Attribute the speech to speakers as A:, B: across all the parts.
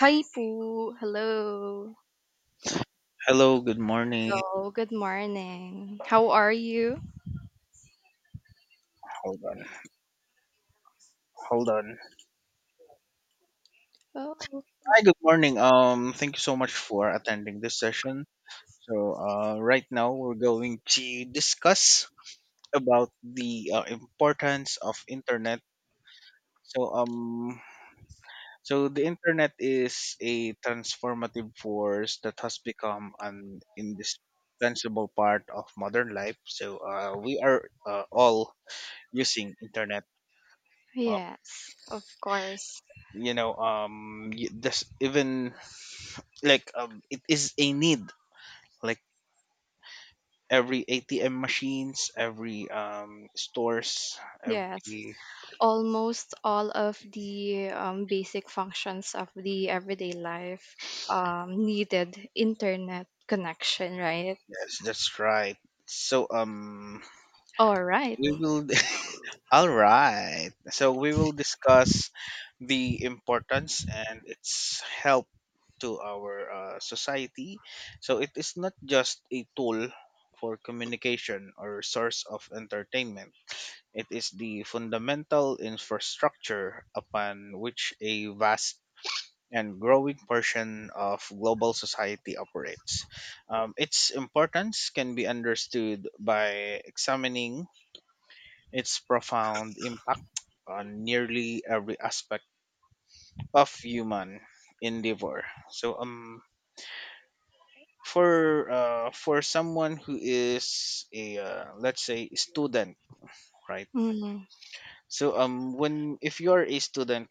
A: Hi, Pooh. Hello.
B: Hello, good morning.
A: Hello. Good morning. How are you?
B: Hold on, hold on.
A: Oh,
B: Hi, good morning. Thank you so much for attending this session. So, right now we're going to discuss about the importance of internet. So, um, so, the internet is a transformative force that has become an indispensable part of modern life. So, we are all using internet. Uh,
A: yes, of course.
B: this even like it is a need, like every ATM machines, every stores,
A: Yes.
B: every...
A: Almost all of the basic functions of the everyday life needed internet connection, right?
B: Yes, that's right. so
A: All right.
B: we will All right, so we will discuss the importance and its help to our society. So it is not just a tool for communication or source of entertainment. It is the fundamental infrastructure upon which a vast and growing portion of global society operates. Its importance can be understood by examining its profound impact on nearly every aspect of human endeavor. So, for someone who is a let's say student, right?
A: Mm-hmm.
B: So, when if you are a student,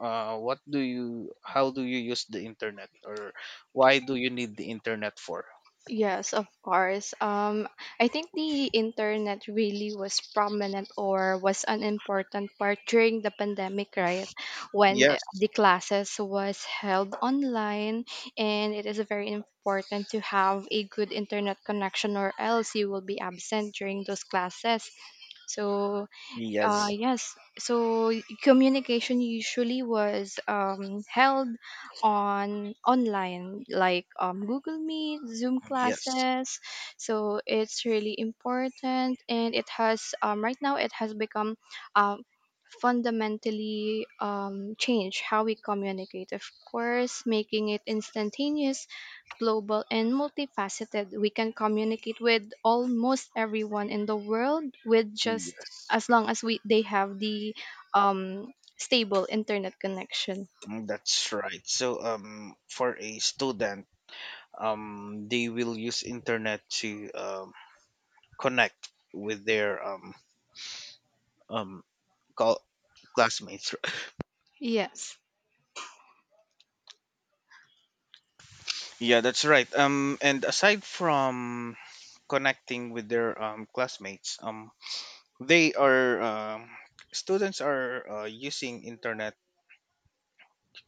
B: what do you how do you use the internet or why do you need the internet for?
A: Yes, of course. I think the internet really was prominent or was an important part during the pandemic, right? When
B: Yes,
A: the classes was held online, and it is very important to have a good internet connection, or else you will be absent during those classes. So
B: yes,
A: yes. So communication usually was held on online, like Google Meet, Zoom
B: yes,
A: classes. So it's really important, and it has right now it has become um, fundamentally changed how we communicate. Of course, making it instantaneous, global, and multifaceted. We can communicate with almost everyone in the world with just
B: yes.
A: as long as we they have the um, stable internet connection.
B: Mm, that's right. So, for a student, they will use internet to connect with their um call classmates.
A: Yes,
B: Yeah, that's right. And aside from connecting with their classmates, they are students are using internet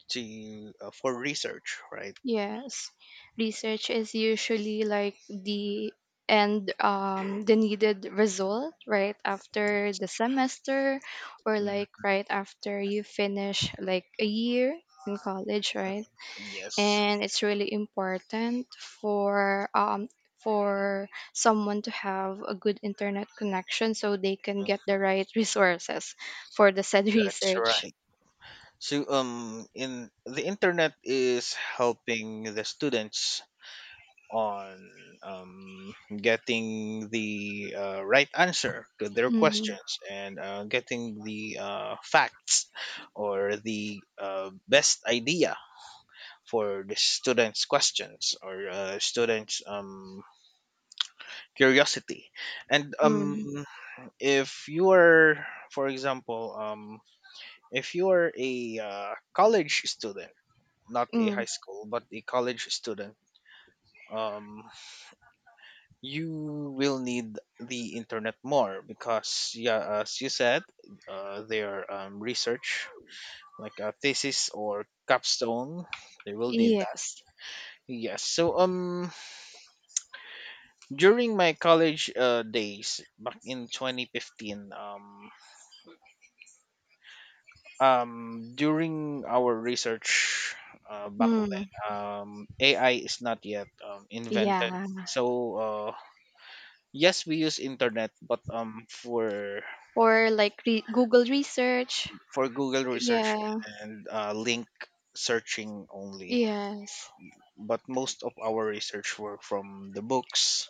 B: to for research, right?
A: yes. Research is usually like the, and the needed result right after
B: Yes.
A: the semester or
B: Mm,
A: like right after you finish like a year in college, right?
B: yes.
A: And it's really important for someone to have a good internet connection so they can
B: Mm,
A: get the right resources for the said
B: that's
A: research.
B: right. So, in the internet is helping the students on getting the right answer to their
A: Mm,
B: questions and getting the facts or the best idea for the students' questions or students' curiosity. And
A: mm,
B: if you are, for example, if you are a college student, not a
A: mm,
B: high school, but a college student, um, you will need the internet more because, yeah, as you said, their research, like a thesis or capstone, they will need that.
A: yes.
B: Yes. So, during my college days back in 2015, during our research back
A: Mm,
B: then, AI is not yet invented.
A: yeah.
B: So, yes, we use internet, but
A: Or like Google research.
B: for Google research
A: Yeah.
B: and link searching only.
A: Yes.
B: But most of our research were from the books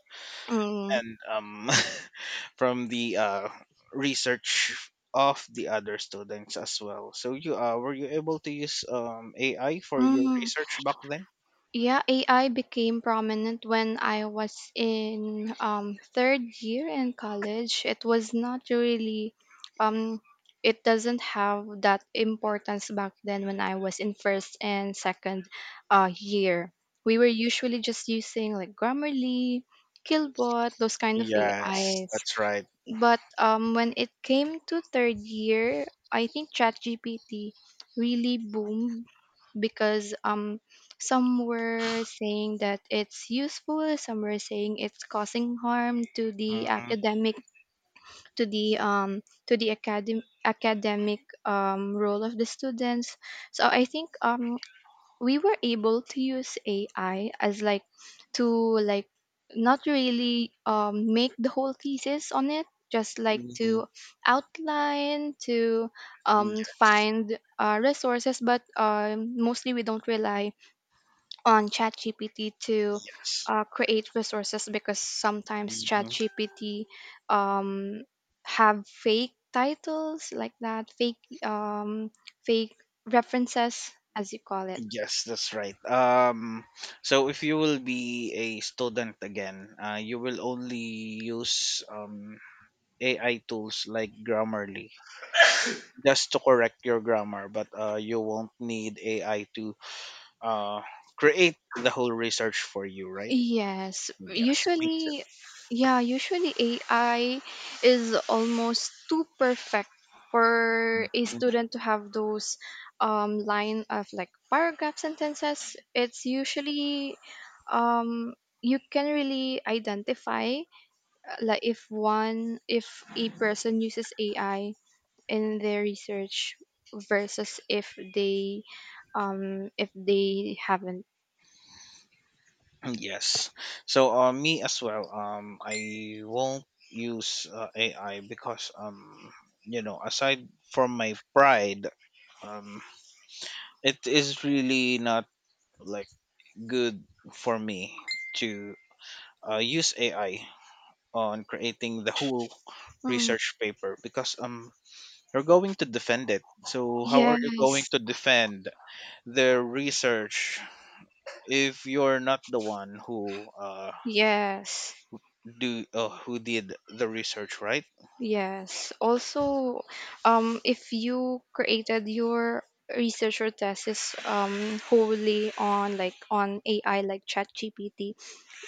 A: Mm,
B: and from the research of the other students as well. So you were you able to use AI for your
A: mm.
B: research back then?
A: Yeah, AI became prominent when I was in third year in college. It was not really, um, it doesn't have that importance back then when I was in first and second year. We were usually just using like Grammarly, Killbot, those kind of
B: Yes,
A: AIs,
B: that's right.
A: but when it came to third year, I think ChatGPT really boomed because some were saying that it's useful, some were saying it's causing harm to the
B: Mm-hmm.
A: academic, to the um, academic role of the students. So I think we were able to use AI as like to like not really make the whole thesis on it, just like
B: Mm-hmm.
A: to outline, to
B: Yes,
A: find resources, but mostly we don't rely on ChatGPT to
B: yes.
A: create resources because sometimes
B: Mm-hmm.
A: ChatGPT um, have fake titles like that, fake fake references as you call it.
B: Yes, that's right. So, if you will be a student again, you will only use AI tools like Grammarly just to correct your grammar, but you won't need AI to uh, create the whole research for you, right?
A: Yes,
B: Yes, me too.
A: usually, yeah, usually AI is almost too perfect for a student to have those line of like paragraph sentences. It's usually um, you can really identify like if a person uses AI in their research versus if they haven't.
B: Mm-hmm. Yes. So, me as well. I won't use AI because aside from my pride, um, it is really not like good for me to use AI on creating the whole
A: Mm,
B: research paper because you're going to defend it. So how are you going
A: yes,
B: to defend their research if you're not the one who
A: yes,
B: do who did the research, right?
A: yes. Also, if you created your research or thesis wholly on on AI like ChatGPT,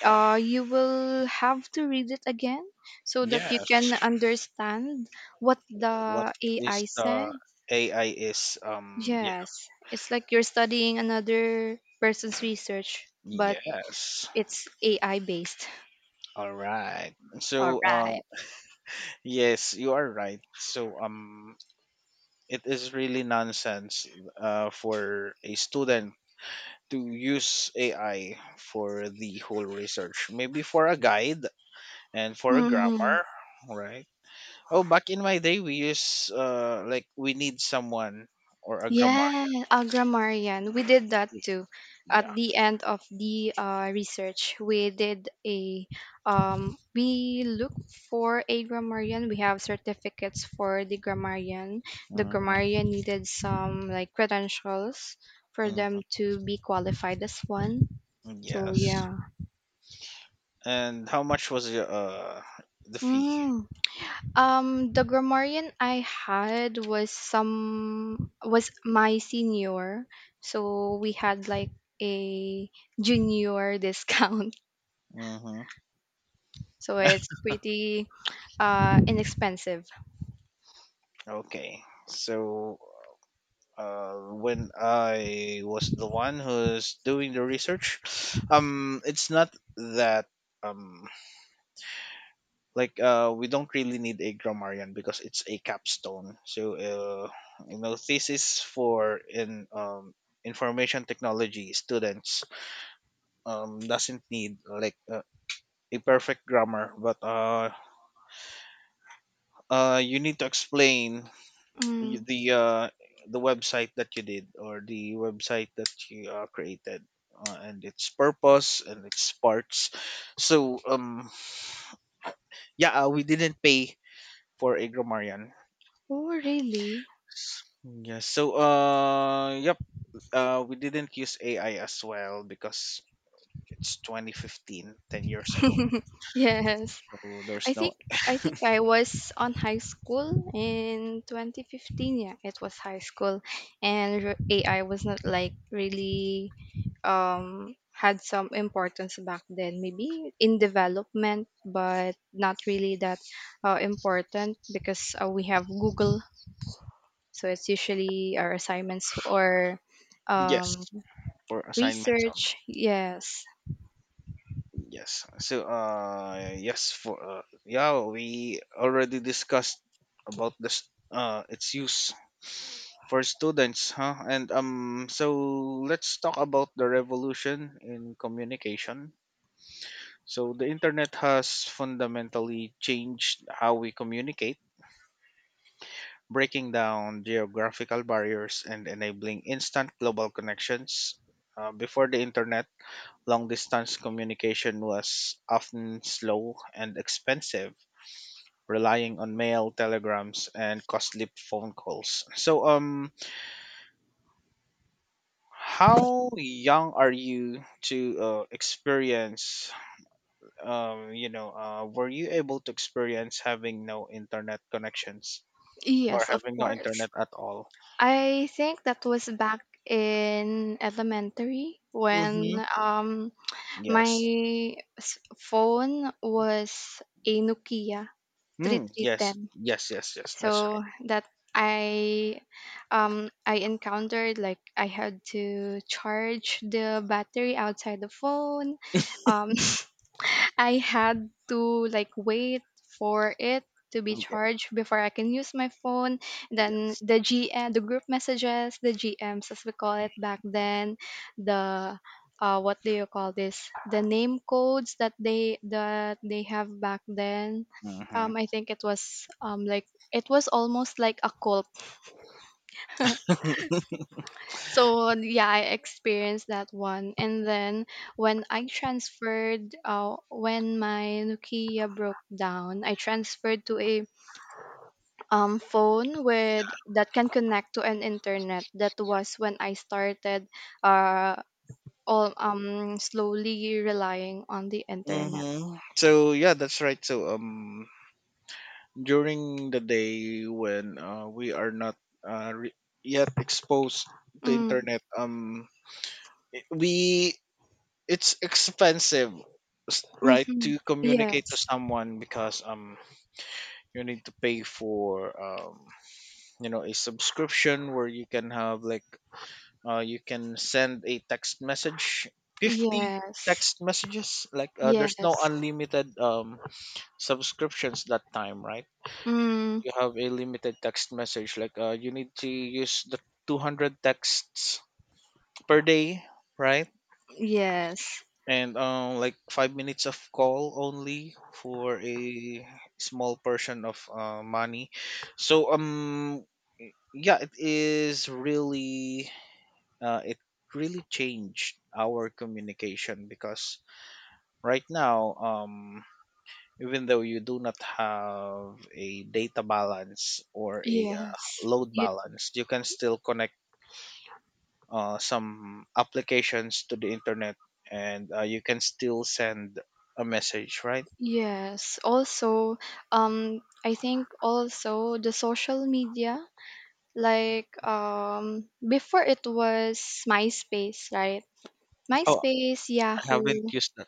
A: you will have to read it again so that you
B: Yes.
A: can understand what the AI
B: What
A: said.
B: is the AI is um yeah.
A: Yes, it's like you're studying another person's research, but
B: Yes.
A: it's AI based.
B: All right.
A: All
B: So,
A: right.
B: yes, you are right. So, it is really nonsense for a student to use AI for the whole research. Maybe for a guide and for a grammar, right? Oh, back in my day, we use like we need someone or a
A: Yeah,
B: grammarian.
A: Agramarian. We did that too. At
B: Yeah.
A: the end of the research, we did a we looked for a grammarian. We have certificates for the grammarian. The
B: Mm-hmm.
A: grammarian needed some like credentials for
B: Mm-hmm.
A: them to be qualified as one. So
B: Yes.
A: yeah.
B: And how much was the fee?
A: Mm. The grammarian I had was my senior, so we had like a junior discount.
B: Mm-hmm.
A: So it's pretty inexpensive.
B: Okay. So uh when I was the one who's doing the research, it's not that um like we don't really need a grammarian because it's a capstone, so thesis for in information technology students doesn't need like a perfect grammar, but you need to explain y-
A: Mm.
B: the uh, the website that you did or the website that you created, and its purpose and its parts. So, yeah, we didn't pay for a grammarian.
A: Oh, really?
B: Yes. So, yep. We didn't use AI as well because it's 2015, 10 years ago.
A: Yes.
B: So there's
A: I think
B: no.
A: I think I was on high school in 2015. Yeah, it was high school, and AI was not like really had some importance back then, maybe in development, but not really that important because we have Google. So it's usually our assignments or um,
B: Yes, for assignments.
A: research. Yes.
B: Yes. So, yes for yeah, we already discussed about this. Its use for students, huh? And so let's talk about the revolution in communication. So the internet has fundamentally changed how we communicate, breaking down geographical barriers and enabling instant global connections. Before the internet, long distance communication was often slow and expensive, relying on mail, telegrams, and costly phone calls. So, how young are you to experience? You know, were you able to experience having no internet connections or
A: Yes, of
B: having no
A: course.
B: internet at all?
A: I think that was back in elementary when
B: Mm-hmm.
A: my
B: Yes.
A: phone was a Nokia
B: Mm, yes,
A: 3310.
B: yes, yes, yes. That's right.
A: So that i I encountered like I had to charge the battery outside the phone um I had to like wait for it to be
B: Okay,
A: charged before I can use my phone. Then
B: yes.
A: the GM, the group messages, the GMs as we call it back then, the what do you call this? The name codes that they have back then.
B: Mm-hmm.
A: I think it was almost like a call, so yeah, I experienced that one. And then when I transferred, when my Nokia broke down, I transferred to a phone with that can connect to an internet. That was when I started, uh, all slowly relying on the internet.
B: Mm-hmm. So yeah, that's right. So, during the day when we are not uh, re- yet exposed to
A: Mm,
B: internet, we it's expensive, right,
A: mm-hmm.
B: to
A: Yes.
B: communicate to someone because you need to pay for a subscription where you can have like you can send a text message, 50
A: Yes.
B: text messages, like there's no
A: Yes.
B: unlimited subscriptions that time, right?
A: Mm,
B: You have a limited text message, like you need to use the 200 texts per day, right?
A: yes.
B: And like 5 minutes of call only for a small portion of money. So, yeah, it is really it really changed our communication because right now, even though you do not have a data balance or a
A: Yes.
B: load balance, you can still connect some applications to the internet and you can still send a message, right?
A: Yes, also, I think also the social media, like before it was MySpace, right?
B: Oh,
A: MySpace,
B: I haven't
A: Yahoo,
B: used that.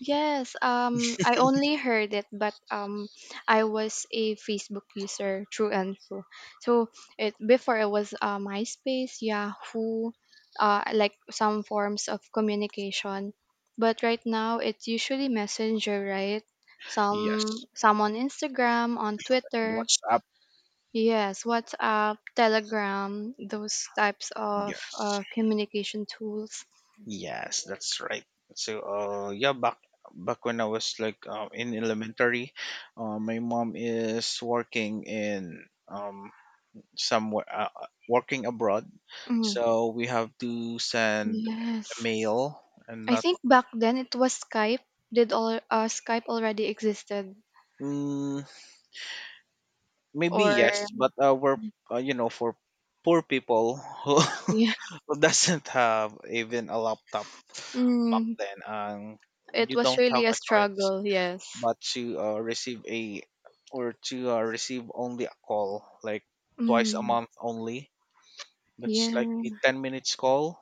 A: yes, I only heard it, but I was a Facebook user through and through. So it before it was MySpace, Yahoo, like some forms of communication. But right now, it's usually Messenger, right?
B: Yes,
A: Some on Instagram, on
B: and
A: Twitter.
B: WhatsApp.
A: Yes, WhatsApp, Telegram, those types of
B: Yes.
A: communication tools.
B: Yes, that's right. So, yeah, back when I was like in elementary, my mom is working in somewhere working abroad,
A: Mm,
B: so we have to send a
A: yes.
B: mail and
A: I
B: not.
A: think back then it was Skype. Did all Skype already existed,
B: Mm, maybe
A: or
B: yes, but we're for poor people who
A: yeah?
B: who doesn't have even a laptop back
A: Mm,
B: then,
A: it
B: you
A: was
B: don't have
A: really a
B: a choice
A: struggle. Yes.
B: but to receive a or to receive only a call, like twice a
A: Mm,
B: month only, that's like a
A: yeah.
B: 10 minutes call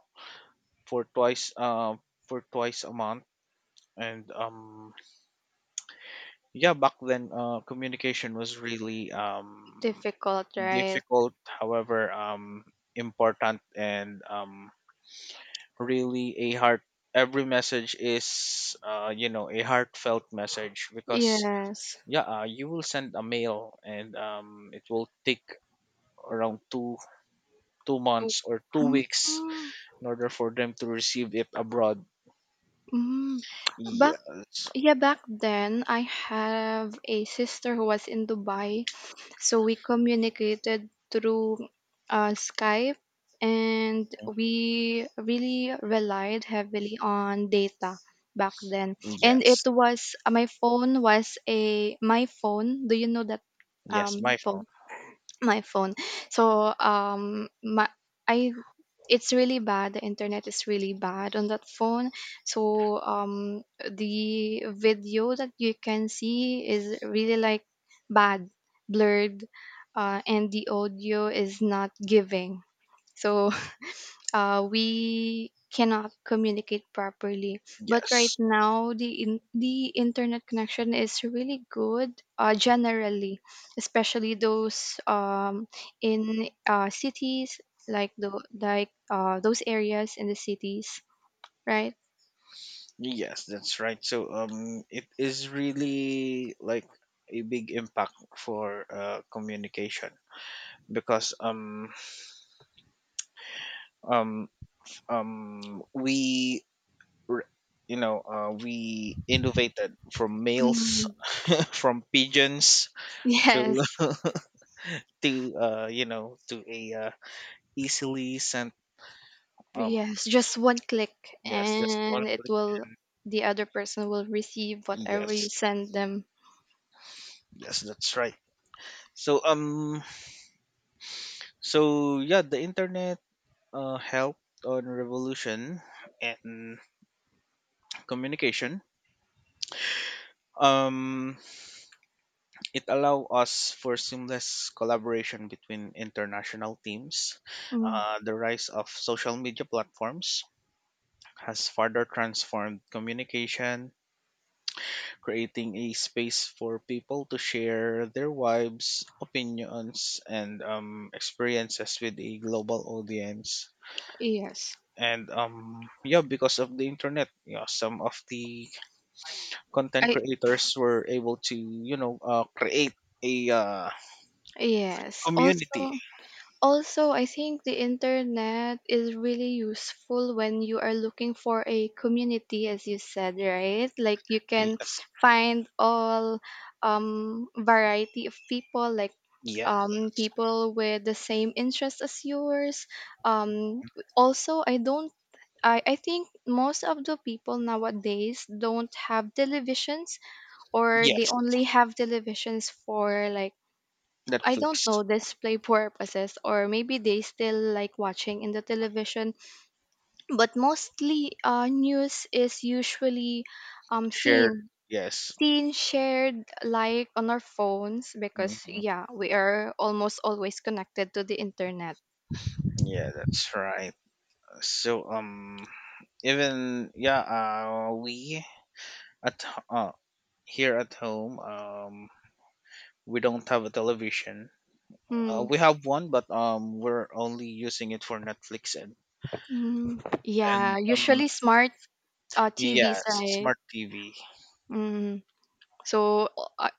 B: for twice uh for twice a month. And yeah, back then communication was really
A: Difficult, right?
B: difficult, however, important and really a heart, every message is a heartfelt message because
A: Yes.
B: yeah, you will send a mail and it will take around two
A: To-
B: months or two
A: Mm,
B: weeks in order for them to receive it abroad.
A: mm. Back
B: Yes.
A: Yeah, back then I have a sister who was in Dubai, so we communicated through Skype, and we really relied heavily on data back then. And it
B: Yes.
A: was my phone was a My Phone. Do you know that
B: Yes, my phone.
A: phone? My Phone. So my I It's really bad. The internet is really bad on that phone. So the video that you can see is really like bad, blurred, and the audio is not giving. So we cannot communicate properly. But right
B: Yes.
A: now, the the internet connection is really good, generally, especially those in cities, like the like those areas in the cities, right?
B: Yes, that's right. So, it is really like a big impact for communication because um um we re- you know, we innovated from mails
A: Mm,
B: from pigeons to
A: yes,
B: to to a easily sent um
A: yes, just one click,
B: yes just one
A: and it
B: click
A: will
B: and.
A: the other person will receive whatever you
B: Yes.
A: send them.
B: Yes, that's right. So, so yeah, the internet helped on revolution and communication. um it allow us for seamless collaboration between international teams,
A: Mm,
B: the rise of social media platforms has further transformed communication, creating a space for people to share their vibes, opinions, and experiences with a global audience.
A: yes,
B: And yeah, because of the internet, you know, some of the content
A: I
B: creators were able to, you know, create a
A: yes
B: community.
A: also. Also, I think the internet is really useful when you are looking for a community, as you said, right? Like you can
B: Yes,
A: find all variety of people, like
B: yeah,
A: people with the same interest as yours. Um, Also, I don't. I think most of the people nowadays don't have televisions, or they
B: yes,
A: only have televisions for like I don't
B: Netflix
A: know, display purposes, or maybe they still like watching in the television. But mostly, news is usually um,
B: shared.
A: seen,
B: Yes.
A: seen, shared, like on our phones because,
B: Hmm,
A: yeah, we are almost always connected to the internet.
B: yeah, that's right. So, even yeah, we at here at home we don't have a television.
A: Hmm.
B: We have one but we're only using it for Netflix. And
A: Mm.
B: and
A: Yeah,
B: um
A: usually smart TVs,
B: yes,
A: right?
B: smart TV.
A: Mm. So, uh,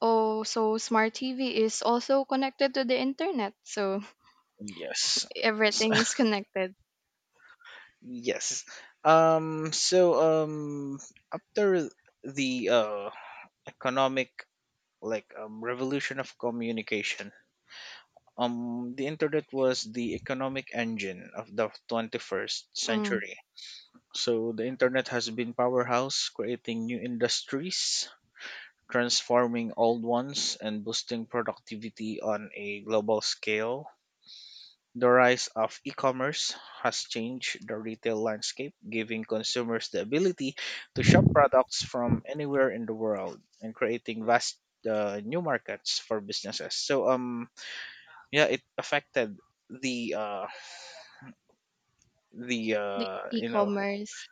A: oh, so smart TV is also connected to the internet. So
B: Yes. S-
A: everything is connected.
B: Yes. So um after the economic, like revolution of communication, the internet was the economic engine of the 21st
A: Mm.
B: century. So the internet has been powerhouse, creating new industries, transforming old ones, and boosting productivity on a global scale. The rise of e-commerce has changed the retail landscape, giving consumers the ability to shop products from anywhere in the world and creating vast new markets for businesses. So yeah, it affected the the
A: The
B: uh you know
A: e-commerce.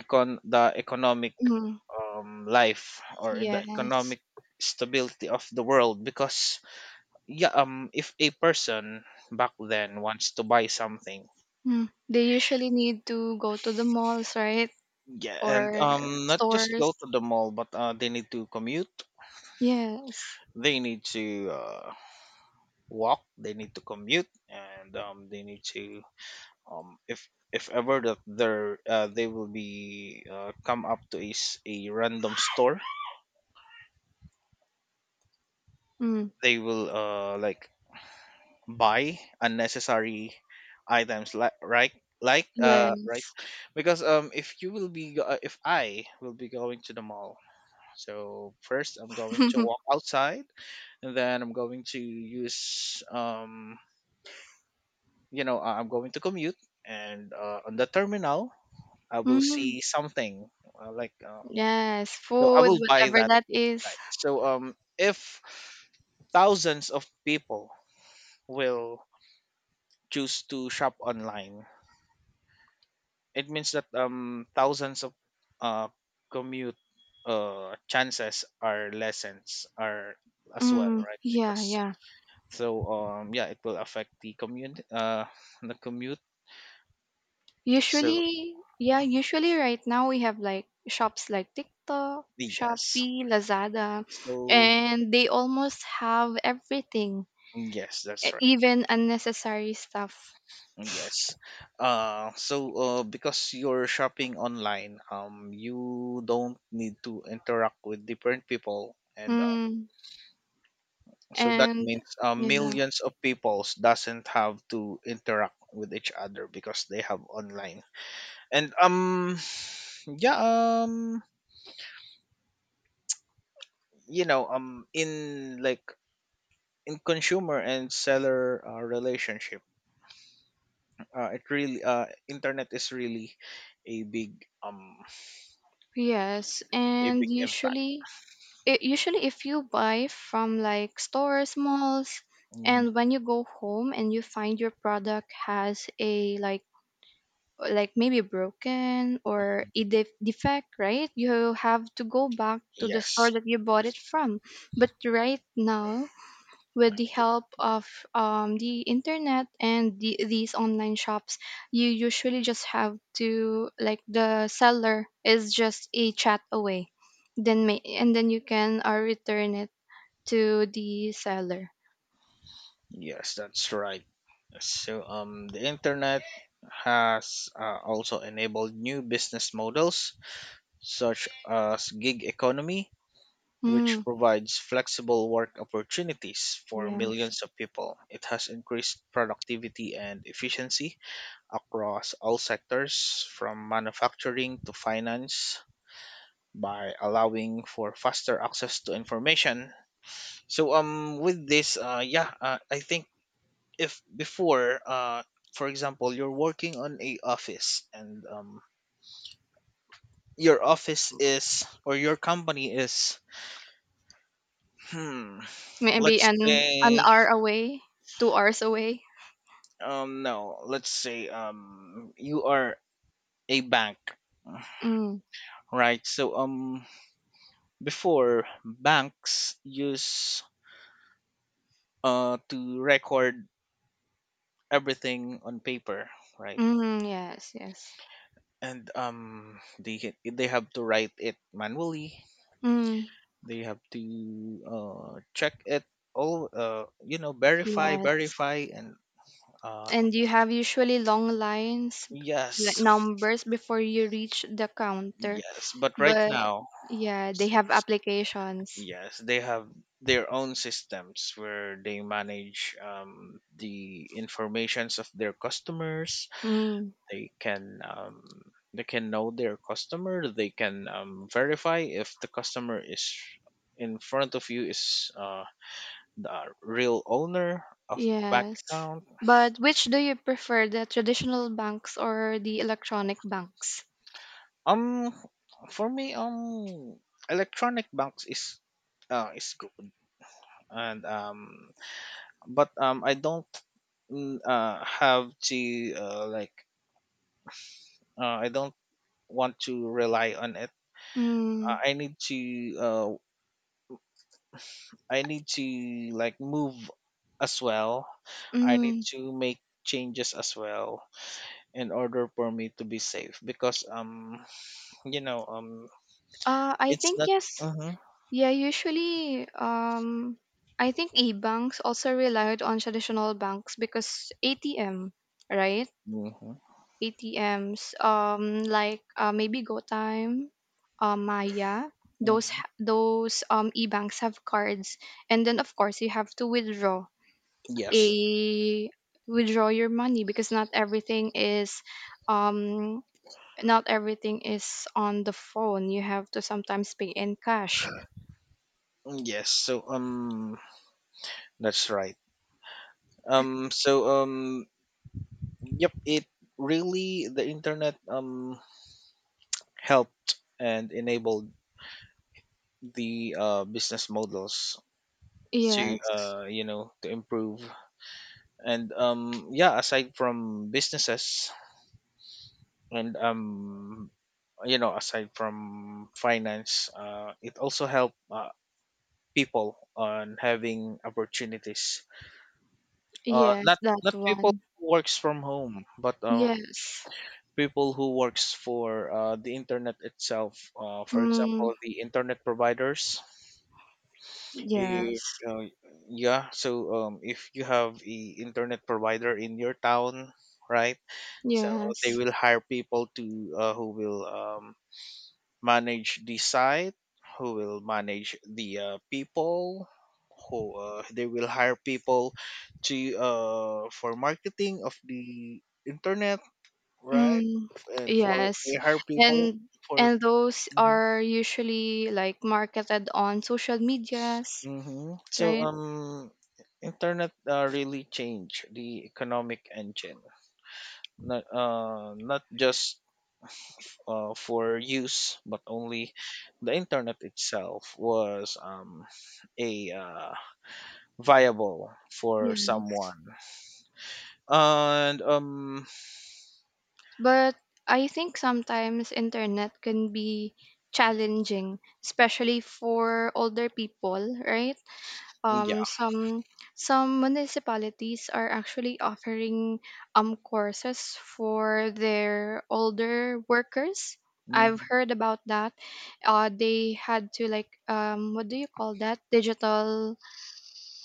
B: econ the economic
A: Mm,
B: life, or the
A: yes.
B: economic stability of the world. Because yeah if a person back then wants to buy something,
A: Mm. They usually need to go to the malls, right?
B: yeah, and
A: Or
B: not just go
A: stores.
B: to the mall but they need to commute.
A: Yes.
B: They need to walk, they need to commute, and they need to if ever that there they will be come up to, is a random store,
A: Mm,
B: they will like buy unnecessary items, like, right, like, right.
A: yes.
B: Because if you will be if I will be going to the mall, so first I'm going to walk outside and then I'm going to use I'm going to commute, and on the terminal I will
A: Mm,
B: see something, uh, like uh,
A: yes.
B: so I
A: Food,
B: will buy
A: whatever
B: that,
A: that is.
B: right? So if thousands of people will choose to shop online, it means that thousands of uh commute chances are, lessons are, as well,
A: Mm,
B: right?
A: yeah,
B: Because
A: yeah.
B: so yeah, it will affect the commute, the commute. so
A: Usually, yeah,
B: uh,
A: usually right now we have like shops like TikTok,
B: yes.
A: Shopee, Lazada,
B: So
A: and they almost have everything,
B: yes, that's right.
A: even unnecessary stuff.
B: Yes. So because you're shopping online, you don't need to interact with different people. And
A: Mm.
B: so that
A: And
B: means
A: yeah,
B: millions of peoples doesn't have to interact with each other because they have online. And yeah, um in like, in consumer and seller relationship, it really, internet is really a big um
A: yes,
B: a
A: and
B: big impact.
A: usually if you buy from like stores, malls,
B: Mhm.
A: and when you go home and you find your product has a like maybe broken or a defect, right? You have to go back to the store
B: Yes.
A: that you bought it from. But right now, with the
B: Yep.
A: help of the internet and these online shops, you usually just have to, like, the seller is just a chat away, then and then you can return it to the seller.
B: Yes, that's right. Yes. So the internet has, also enabled new business models such as gig economy, which
A: Mm,
B: provides flexible work opportunities for
A: yes.
B: millions of people. It has increased productivity and efficiency across all sectors, from manufacturing to finance, by allowing for faster access to information. So, with this, I think if before, for example, you're working on a office, and your office is, or your company is, hmm
A: Maybe
B: let's
A: an
B: say,
A: hour away, 2 hours away.
B: no, let's say, you are a bank,
A: Mm,
B: right? So before, banks use to record everything on paper, right?
A: mm, yes, yes.
B: And they they have to write it manually.
A: Mm,
B: They have to check it all, verify
A: yes.
B: verify and uh
A: And you have usually long lines like
B: yes,
A: numbers before you reach the counter.
B: yes, but right
A: But
B: now,
A: yeah, they have
B: since,
A: applications.
B: yes, they have their own systems where they manage the informations of their customers.
A: Mm,
B: They can um, they can know their customer. They can verify if the customer is in front of you is the real owner of the bank
A: yes.
B: account.
A: But which do you prefer, the traditional banks or the electronic banks?
B: Um, for me, electronic banks is good, and but I don't, have to like, I don't want to rely on it.
A: Mm,
B: I need to uh I need to like move as well. I need
A: mm,
B: to make changes as well in order for me to be safe, because you know um
A: I
B: it's
A: think
B: not,
A: yes.
B: uh-huh,
A: Yeah, usually, I think e-banks also relied on traditional banks because ATM, right?
B: uh-huh,
A: ATMs, like maybe GoTime, Maya. Those
B: uh-huh,
A: ha- those e-banks have cards, and then of course you have to
B: yes.
A: a withdraw your money because not everything um is on the phone. You have to sometimes pay in cash.
B: Mm, yes. So that's right. Um, so yep, it really, the internet helped and enabled the business models to,
A: Yes,
B: to improve. And yeah, aside from businesses and aside from finance, it also helped people on having opportunities,
A: yes,
B: not,
A: that
B: not people
A: one.
B: who works from home, but
A: Yes.
B: people who works for the internet itself, for
A: Mm,
B: example, the internet providers. If,
A: yes.
B: uh, yeah, so if you have a internet provider in your town, right? So they
A: Yes.
B: will hire people to, who will, manage the site, who will manage the, people, who, they will hire people to, for marketing of the internet, right?
A: Mm,
B: And for they
A: yes.
B: hire people
A: And
B: for,
A: and those
B: mm-hmm.
A: are usually like marketed on social medias,
B: Hmm. So,
A: right?
B: internet, really changed the economic engine. Not, not just for use, but only the internet itself was, a viable for
A: Yes.
B: someone. And
A: But I think sometimes internet can be challenging, especially for older people, right?
B: yeah.
A: um some some municipalities are actually offering courses for their older workers. I've
B: Hmm.
A: heard about that. They had to like what do you call that, digital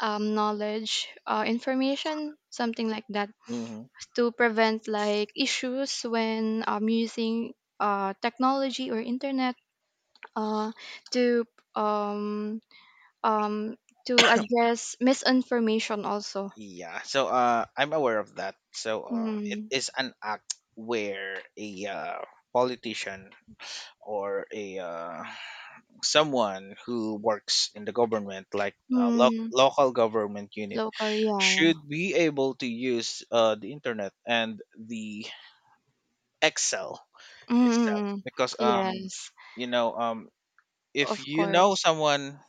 A: knowledge, information, something like that,
B: Hmm.
A: to prevent like issues when using technology or internet uh to um um, to address misinformation also.
B: Yeah. So, I'm aware of that. So, it
A: Mm.
B: is an act where a politician, or a someone who works in the government, like a
A: Mm.
B: local government unit,
A: Local, yeah, yeah.
B: should be able to use the internet and the Excel itself.
A: Mm.
B: Because,
A: Yes,
B: you know, um, if
A: of
B: you know
A: course.
B: someone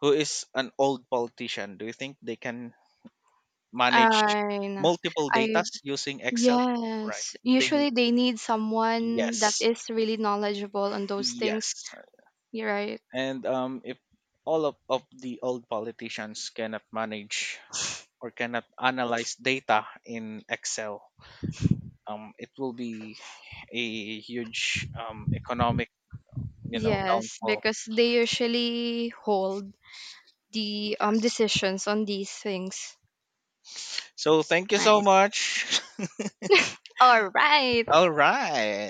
B: who is an old politician, do you think they can manage
A: I know.
B: multiple
A: I
B: datas using Excel? Right.
A: Yes.
B: They,
A: Usually they need someone that
B: yes,
A: is really knowledgeable on those things.
B: yes.
A: You're right.
B: And if all of the old politicians cannot manage or cannot analyze data in Excel, it will be a huge, economic, you know,
A: Yes,
B: downfall.
A: because they usually hold the
B: Yes.
A: decisions on these things.
B: So thank you so
A: Nice.
B: much.
A: All right.
B: All right.